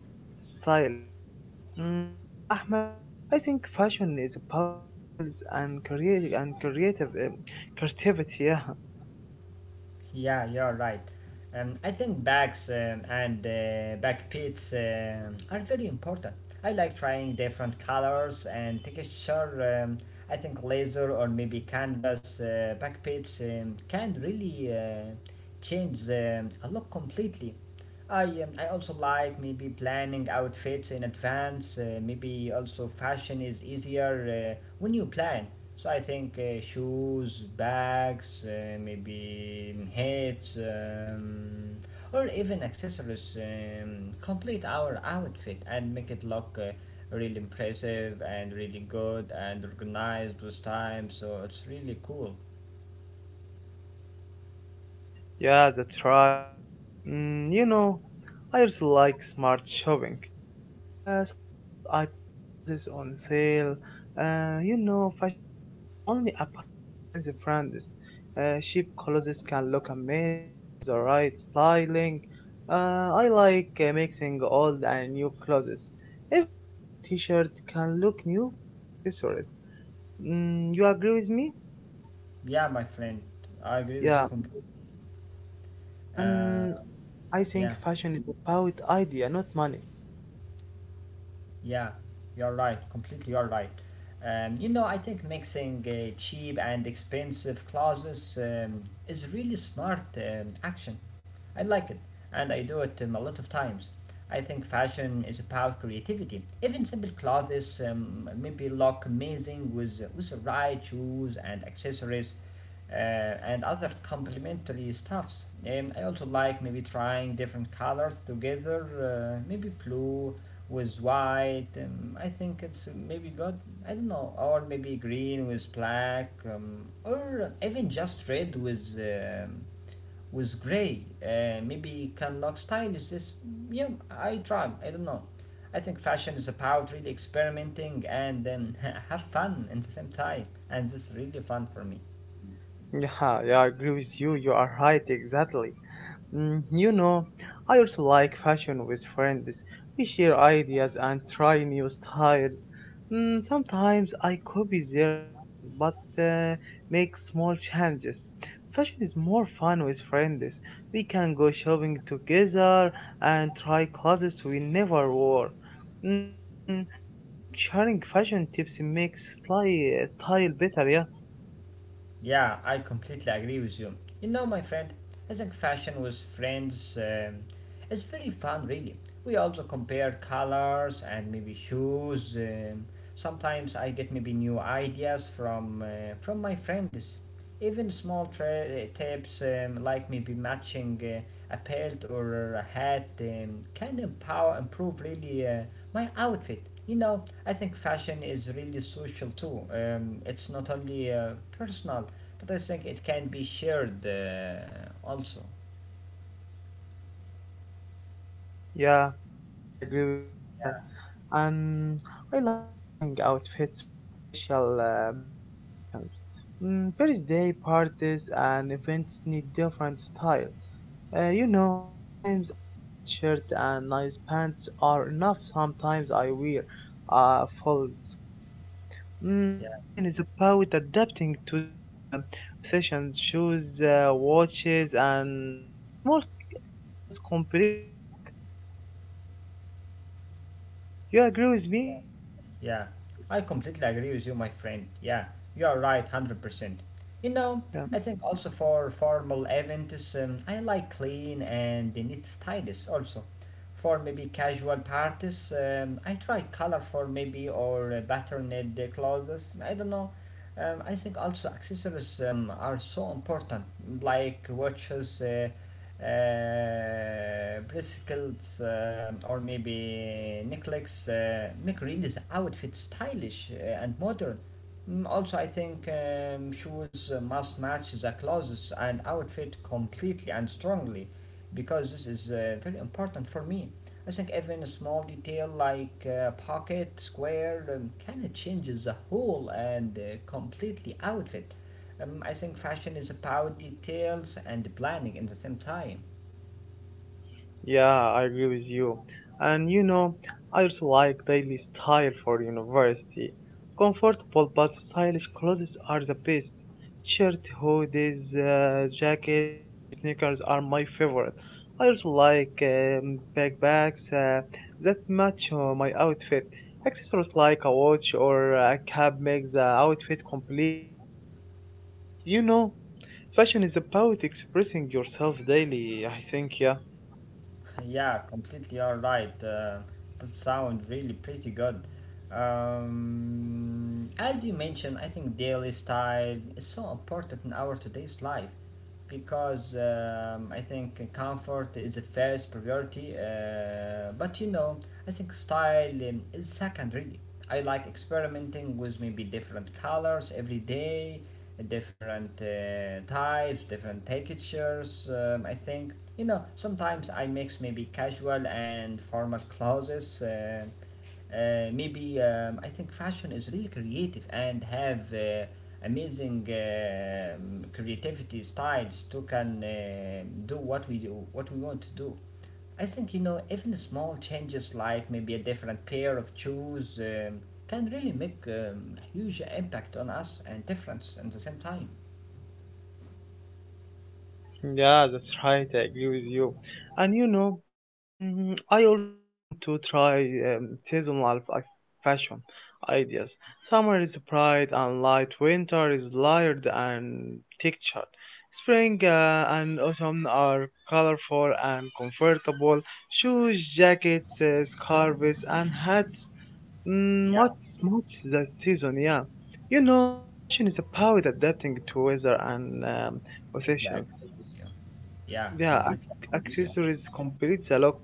[SPEAKER 1] stylish. Mm, you know, Ahmed, I think fashion is about details and creative and creative um, creativity. Yeah,
[SPEAKER 2] Yeah, you're right. Um, I think bags um, and uh, backpits um are very important. I like trying different colors and texture. Um, I think laser or maybe canvas uh, backpits um, can really uh, change um, a look completely. I um, I also like maybe planning outfits in advance. Uh, maybe also fashion is easier uh, when you plan. So I think uh, shoes, bags, uh, maybe um, hats, um, or even accessories um, complete our outfit and make it look uh, really impressive and really good and organized with time. So it's really cool.
[SPEAKER 1] yeah, that's right. Mm, you know, I just like smart shopping. Uh, sometimes I buy clothes on sale. Uh, you know, fashion is not only about expensive brands. Uh, cheap clothes can look amazing with the right styling. Uh, I like uh, mixing old and new clothes. Even old t-shirt can look new with accessories. Mm, you agree with me?
[SPEAKER 2] Yeah, my friend, I agree with you
[SPEAKER 1] Yeah,
[SPEAKER 2] completely.
[SPEAKER 1] yeah,
[SPEAKER 2] Uh,
[SPEAKER 1] and I
[SPEAKER 2] yeah.
[SPEAKER 1] think fashion is about idea, not money.
[SPEAKER 2] Yeah, you're right. Completely, you're right. Um, you know, I think mixing uh, cheap and expensive clothes um, is really smart um, action. I like it, and I do it um, a lot of times. I think fashion is about creativity. Even simple clothes um, maybe look amazing with with the right shoes and accessories, uh, and other complementary stuffs. Um, I also like maybe trying different colors together, uh, maybe blue with white. Um, I think it's uh, maybe got, I don't know, or maybe green with black, um, or even just red with um, with gray. Uh, maybe Canlock style is this. Yeah, I try. I don't know. I think fashion is about really experimenting and, um, have fun at the same time, and this is really fun for me.
[SPEAKER 1] Yeah, yeah, I agree with you. You are right, exactly. Mm, you know, I also like fashion with friends. We share ideas and try new styles. Mm, sometimes I copy their ideas but uh, make small changes. Fashion is more fun with friends. We can go shopping together and try clothes we never wore. Mm, I think sharing fashion tips makes sli- style better, yeah.
[SPEAKER 2] Yeah, I completely agree with you. You know, my friend, I think fashion with friends um, is very fun, really. We also compare colors and maybe shoes. Um, sometimes I get maybe new ideas from uh, from my friends. Even small tra- tips um, like maybe matching uh, a belt or a hat um, can empower improve really uh, my outfit. You know, I think fashion is really social too. Um, it's not only uh, personal, but I think it can be shared uh, also.
[SPEAKER 1] Yeah, I agree with you. Yeah, um, I like planning outfits for special uh, occasions. Mm, birthday parties and events need different style. Uh, you know, sometimes a bright shirt and nice pants are enough. Sometimes I wear a full suit.
[SPEAKER 2] Yeah,
[SPEAKER 1] Mm, fashion is about adapting to the session shoes, uh, watches, and small accessories complete the look. You agree with me?
[SPEAKER 2] yeah. I completely agree with you, my friend. Yeah, you are right, one hundred percent. You know,
[SPEAKER 1] Yeah.
[SPEAKER 2] I think also for formal events, um, I like clean and neat stylish also. For maybe casual parties, um, I try colorful maybe or uh, patterned uh, clothes. I don't know. Um, I think also accessories um, are so important, like watches. Uh, uh, bracelets um, or maybe necklaces uh, make Riley's outfit stylish uh, and modern. Mm, also, I think um, shoes uh, must match the clothes and outfit completely and strongly because this is uh, very important for me. I think even a small detail like uh, pocket, square, um, kind of changes the whole and uh, completely outfit. Um, I think fashion is about details and planning in the same time.
[SPEAKER 1] Yeah, I agree with you. And you know, I also like daily style for university. Comfortable but stylish clothes are the best. Shirt, hoodies, uh, jackets, and sneakers are my favorite. I also like um, backpacks uh, that match uh, my outfit. Accessories like a watch or a cap make the outfit complete. You know, fashion is about expressing yourself daily, I think, yeah.
[SPEAKER 2] Yeah, completely alright. Uh, that sounds really pretty good. Um, as you mentioned, I think daily style is so important in our today's life because, um, I think comfort is the first priority. Uh, but you know, I think style um, is second really. I like experimenting with maybe different colors every day, uh, different uh, types, different textures. Um, I think you know sometimes I mix maybe casual and formal clothes. Uh, uh, maybe um, I think fashion is really creative and have uh, amazing um creativity styles to can uh, do what we do, what we want to do. I think you know even small changes like maybe a different pair of shoes um, can really make um, a huge impact on us and difference at the same time.
[SPEAKER 1] Yeah, that's right, I agree with you. And you know, mm, I also want to try um, seasonal fa- fashion ideas. Summer is bright and light, winter is layered and textured. Spring uh, and autumn are colorful and comfortable. Shoes, jackets, uh, scarves, and hats mm,
[SPEAKER 2] Yeah,
[SPEAKER 1] not much the season, yeah. You know, fashion is about adapting to weather and um,
[SPEAKER 2] completely
[SPEAKER 1] occasions.
[SPEAKER 2] agree with you. Yeah,
[SPEAKER 1] Yeah,
[SPEAKER 2] completely
[SPEAKER 1] ac-
[SPEAKER 2] agree with you.
[SPEAKER 1] accessories complete the look.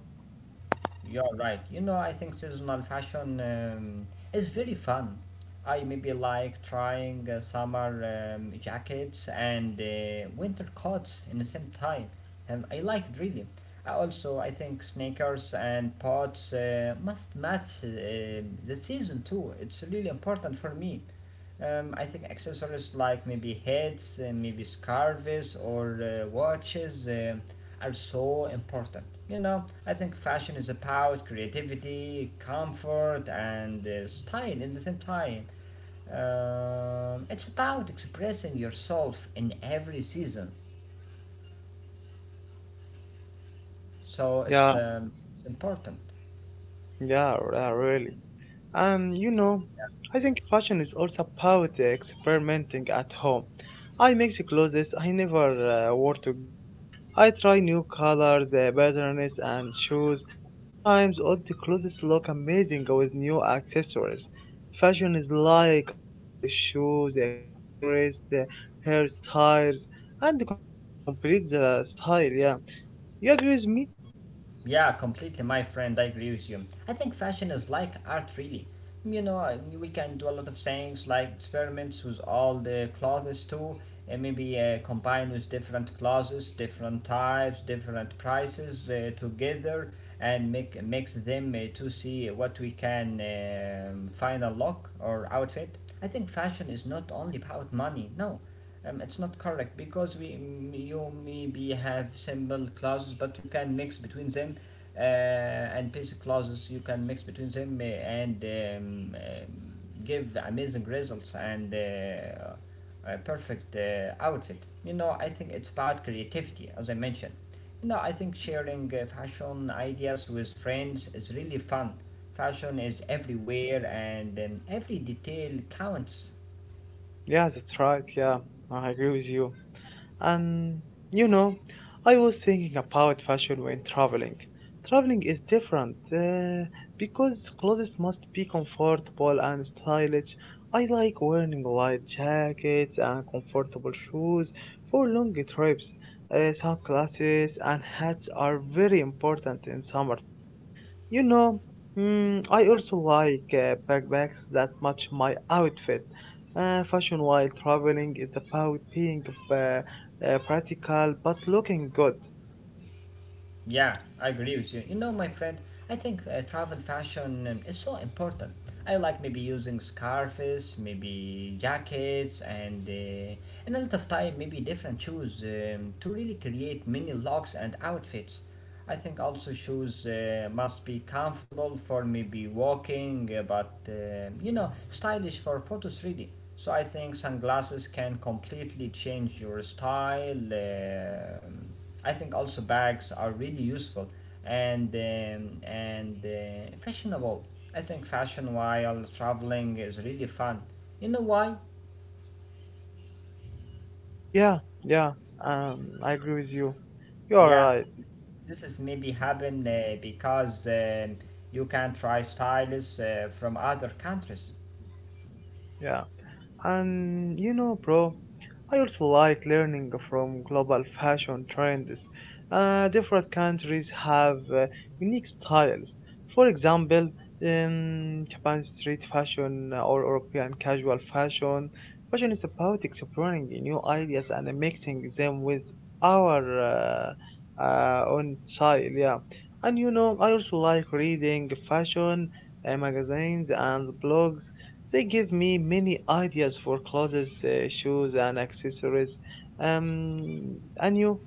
[SPEAKER 2] You're right. You know, I think seasonal fashion um, is very fun. I maybe like trying uh, summer um, jackets and uh, winter coats in the same time. Um, I like it really. I also, I think sneakers and pots uh, must match uh, the season too. It's really important for me. Um, I think accessories like maybe hats, uh, maybe scarves or uh, watches um are so important. You know, I think fashion is about creativity, comfort, and uh, style in the same time. Um, it's about expressing yourself in every season, so it's
[SPEAKER 1] Yeah,
[SPEAKER 2] um, important.
[SPEAKER 1] yeah, yeah, really. And you know, I think fashion is also about the experimenting at home. I mix the clothes I never uh, wore together. I try new colors, uh, patterns, and shoes. Sometimes all the clothes look amazing with new accessories. Fashion is like art, the shoes, the accessories, the hairstyles, and the confidence completes the style. Yeah, you agree with me?
[SPEAKER 2] Yeah, completely, my friend. I agree with you. I think fashion is like art, really. You know, I mean, we can do a lot of things like experiments with all the clothes too, and maybe uh, combine with different clothes, different types, different prices uh, together, and make makes them uh, to see what we can um, find a look or outfit. I think fashion is not only about money. No, um, it's not correct because we, you maybe have simple clauses but you can mix between them, uh, and basic clauses you can mix between them, uh, and um, um, give amazing results and uh, a perfect uh, outfit. You know, I think it's about creativity as I mentioned. You know, I think sharing uh, fashion ideas with friends is really fun. Fashion is everywhere and, um, every detail counts.
[SPEAKER 1] Yeah, that's right. Yeah, I agree with you. And you know, I was thinking about fashion when traveling. Traveling is different uh, because clothes must be comfortable and stylish. I like wearing light jackets and comfortable shoes for long trips. Uh, sunglasses and hats are very important in summer travel. You know, mm, I also like uh, backpacks that match my outfit. Uh, fashion while traveling is about being. Uh, uh, practical but looking good.
[SPEAKER 2] Yeah, I agree with you. You know, my friend, I think uh, travel fashion um, is so important. I like maybe using scarves, maybe jackets, and, uh, and a lot of time maybe different shoes um, to really create many looks and outfits. I think also shoes uh, must be comfortable for maybe walking, uh, but uh, you know, stylish for photos really. So I think sunglasses can completely change your style. um I think also bags are really useful and um, and uh, fashionable. I think fashion while traveling is really fun. You know why?
[SPEAKER 1] Yeah, yeah, um, I agree with you. You are
[SPEAKER 2] Yeah,
[SPEAKER 1] right.
[SPEAKER 2] this is maybe
[SPEAKER 1] And
[SPEAKER 2] happen uh, because, um, you can try styles uh, from other countries.
[SPEAKER 1] yeah, and you know, bro, I also like learning from global fashion trends. Uh, different countries have uh, unique styles. For example, um, Japan street fashion or European casual fashion. Fashion is about exploring new ideas and mixing them with our uh, uh, own style. Yeah, and you know, I also like reading fashion uh, magazines and blogs, they give me many ideas for clothes, uh, shoes, and accessories. Um, and you?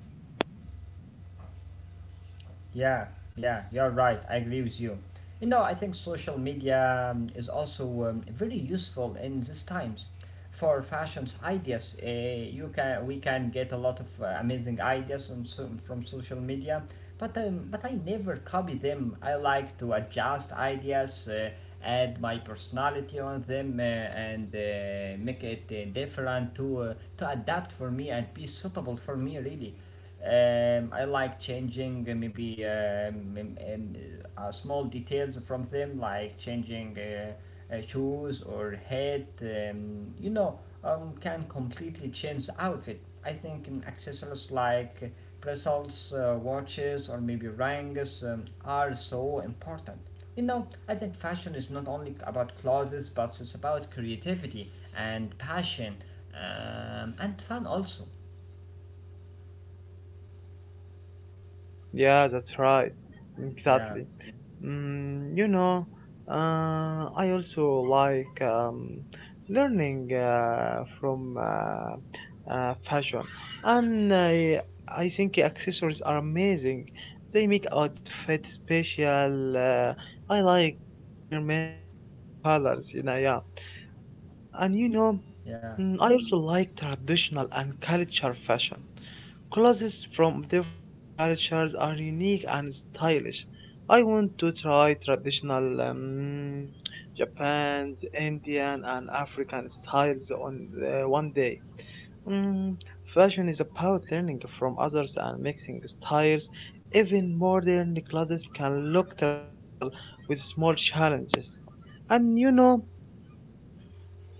[SPEAKER 2] Yeah, yeah, you're right. I agree with you. You know, I think social media um, is also um, very useful in these times for fashion's ideas. Uh, you can we can get a lot of uh, amazing ideas on so, from social media, but um, but I never copy them. I like to adjust ideas, uh, add my personality on them, uh, and uh, make it uh, different to uh, to adapt for me and be suitable for me really. Um, I like changing uh, maybe um, um, um, uh, small details from them, like changing uh, uh, shoes or head. Um, you know, um, can completely change the outfit. I think um, accessories like bracelets, uh, watches, or maybe rings um, are so important. You know, I think fashion is not only about clothes, but it's about creativity and passion, um, and fun also.
[SPEAKER 1] Yeah, that's right.
[SPEAKER 2] Yeah,
[SPEAKER 1] Exactly. Mm, you know, uh, I also like um, learning uh, from uh, uh, fashion, and I I think accessories are amazing. They make outfit special. Uh, I like experimenting with colors. You know, yeah. Mm, and you know,
[SPEAKER 2] yeah.
[SPEAKER 1] mm, I also like traditional and culture fashion. Clothes from different cultures are unique and stylish. I want to try traditional um, Japan's, Indian, and African styles on uh, one day. Mm, fashion is about learning from others and mixing styles. Even modern clothes can look traditional with small challenges. And you know,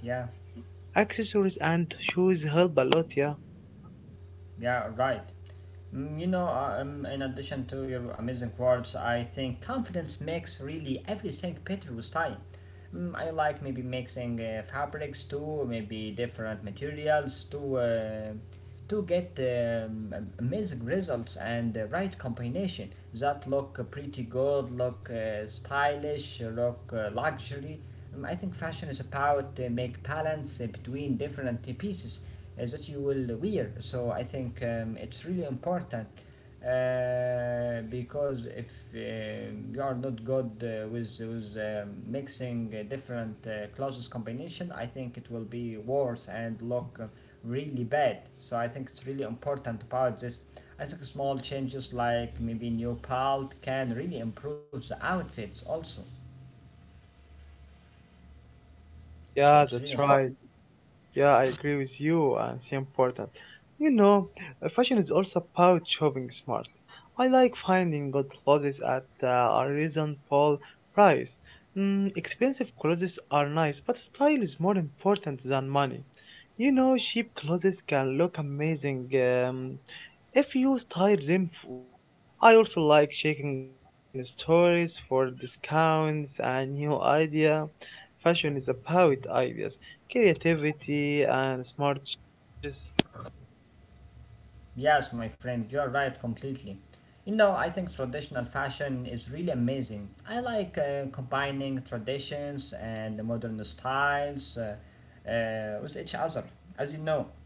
[SPEAKER 2] Yeah,
[SPEAKER 1] accessories and shoes help a lot, yeah.
[SPEAKER 2] yeah, right. Mm, you know, uh, um, in addition to your amazing words, I think confidence makes really everything better with time. Mm, I like maybe mixing uh, fabrics too, maybe different materials to, uh, to get um, am- amazing results and the right combination that look pretty good, look uh, stylish, look uh, luxury. Um, I think fashion is about uh, make balance uh, between different pieces uh, that you will wear. So I think um, it's really important uh, because if um you are not good uh, with with um, mixing uh, different uh, clothes combination, I think it will be worse and look uh, really bad. So I think it's really important about this. I think small changes like maybe new palette can really improve the outfits also. So
[SPEAKER 1] Yeah,
[SPEAKER 2] it's really
[SPEAKER 1] that's
[SPEAKER 2] important.
[SPEAKER 1] right. Yeah, I agree with you, and it's important. You know, uh, fashion is also about shopping smart. I like finding good clothes at uh, a reasonable price. Mm, expensive clothes are nice, but style is more important than money. You know, cheap clothes can look amazing um, if you style them well. I also like checking online stories for discounts and new idea. Fashion is about ideas, creativity and smart choices.
[SPEAKER 2] Yes, my friend, you're right completely. You know, I think traditional fashion is really amazing. I like uh, combining traditions and the modern styles, uh, uh, with each other, as you know,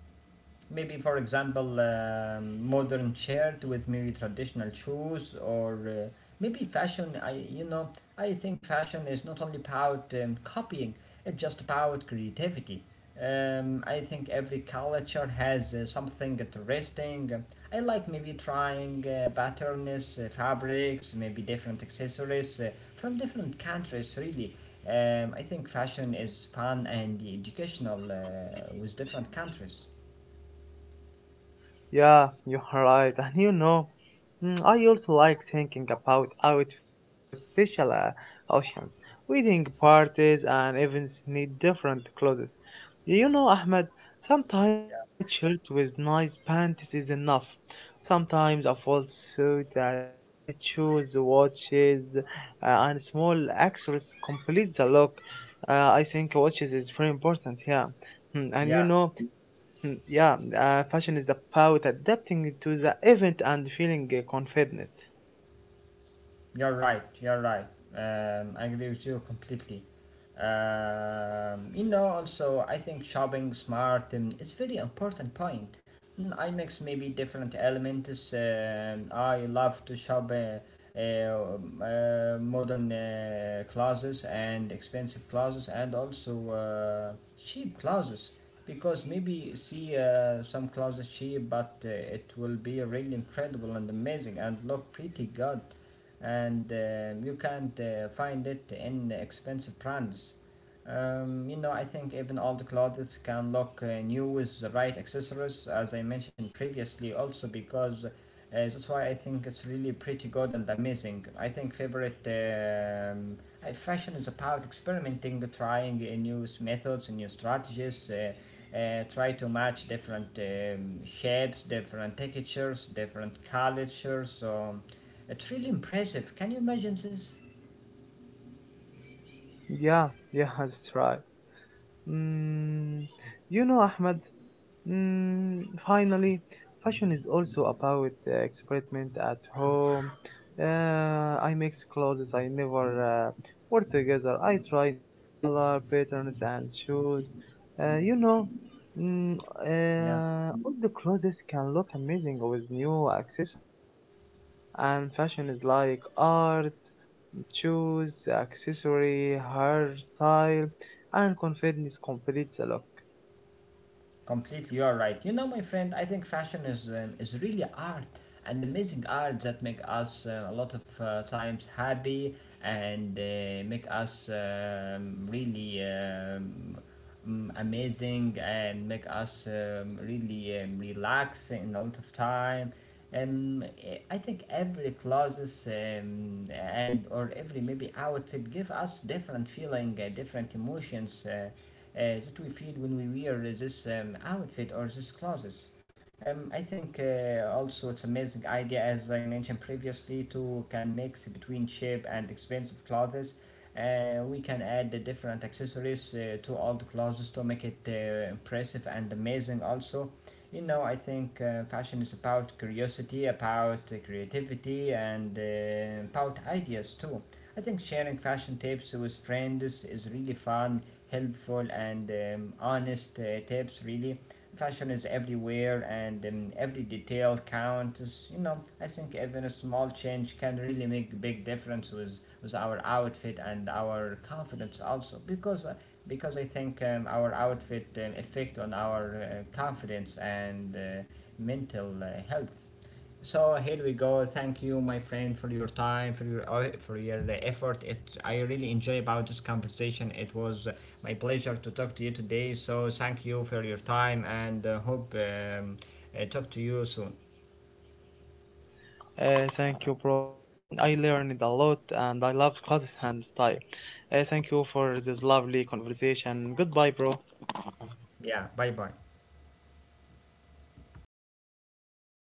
[SPEAKER 2] maybe for example, um, modern shirt with maybe traditional shoes or, uh, maybe fashion. I you know i think fashion is not only about, um, copying. It's just about creativity. Um, i think every culture has uh, something interesting. I like maybe trying uh, patterns, uh, fabrics, maybe different accessories uh, from different countries really. Um, i think fashion is fun and educational uh, with different countries.
[SPEAKER 1] Yeah, you're right. And you know, mm, I also like thinking about outfits for special uh, occasions, wedding parties, and events need different clothes. You know, Ahmed, sometimes a bright shirt with nice pants is enough. Sometimes a full suit, uh, needed shoes, watches, uh, and small accessories complete the look. Uh, I think watches is very important here. Hmm, and you
[SPEAKER 2] Yeah,
[SPEAKER 1] know, mm, yeah, uh, fashion is about adapting to the event and feeling uh, confident.
[SPEAKER 2] you're right. You're right. Um, I agree with you completely. Um, you know, also, I think shopping smart um, is very important point. Mm, I mix maybe different elements. Um, I love to shop uh, uh, um, uh, modern uh, clothes and expensive clothes and also uh, cheap clothes, because maybe see uh, some clothes cheap, but uh, it will be really incredible and amazing and look pretty good, and um, you can't uh, find it in expensive brands. Um, you know, I think even all the clothes can look uh, new with the right accessories, as I mentioned previously, also because, uh, that's why I think it's really pretty good and amazing. I think favorite, um, uh, fashion is about experimenting, trying uh, new methods, new strategies, uh, uh, try to match different um, shapes, different textures, different cultures. So it's really impressive. Can you imagine this?
[SPEAKER 1] Yeah, yeah, that's right. Mm, you know, Ahmed, mm, finally, fashion is also about uh, experiment at home. Uh, I mix clothes I never uh, wore together. I try new color patterns and shoes. Uh, you know, mm,
[SPEAKER 2] Yeah.
[SPEAKER 1] uh, all the clothes can look amazing with new accessories. And fashion is like art, shoes, accessory, hairstyle, and confidence completes the look.
[SPEAKER 2] Completely, you're right. You know, my friend, I think fashion is um, is really art and amazing art that make us uh, a lot of uh, times happy and uh, make us um, really um, mm, amazing and make us, um, really um, relax in a lot of time. Um, I I think every clothes um, and or every maybe outfit give us different feeling, uh, different emotions, Uh, uh, that we feel when we wear this um, outfit or this clothes. Um, I think uh, also it's amazing idea as I mentioned previously to can mix between cheap and expensive clothes. Uh, we can add the different accessories uh, to all the clothes to make it uh, impressive and amazing also. You know, I think uh, fashion is about curiosity, about uh, creativity, and uh, about ideas too. I think sharing fashion tips with friends is really fun, helpful, and um, honest uh, tips really. Fashion is everywhere and um, every detail counts. You know, I think even a small change can really make a big difference with with our outfit and our confidence also, because, uh, because i think um, our outfit um, effect on our uh, confidence and uh, mental uh, health. So here we go. Thank you, my friend, for your time, for your uh, for your effort. It I really enjoy about this conversation. It was my pleasure to talk to you today. So thank you for your time, and uh, hope, um, uh, talk to you soon.
[SPEAKER 1] Uh, thank you, bro. You know, I learned a lot and I love clothes and style. Uh, thank you for this lovely conversation. Goodbye, bro.
[SPEAKER 2] Yeah, bye bye.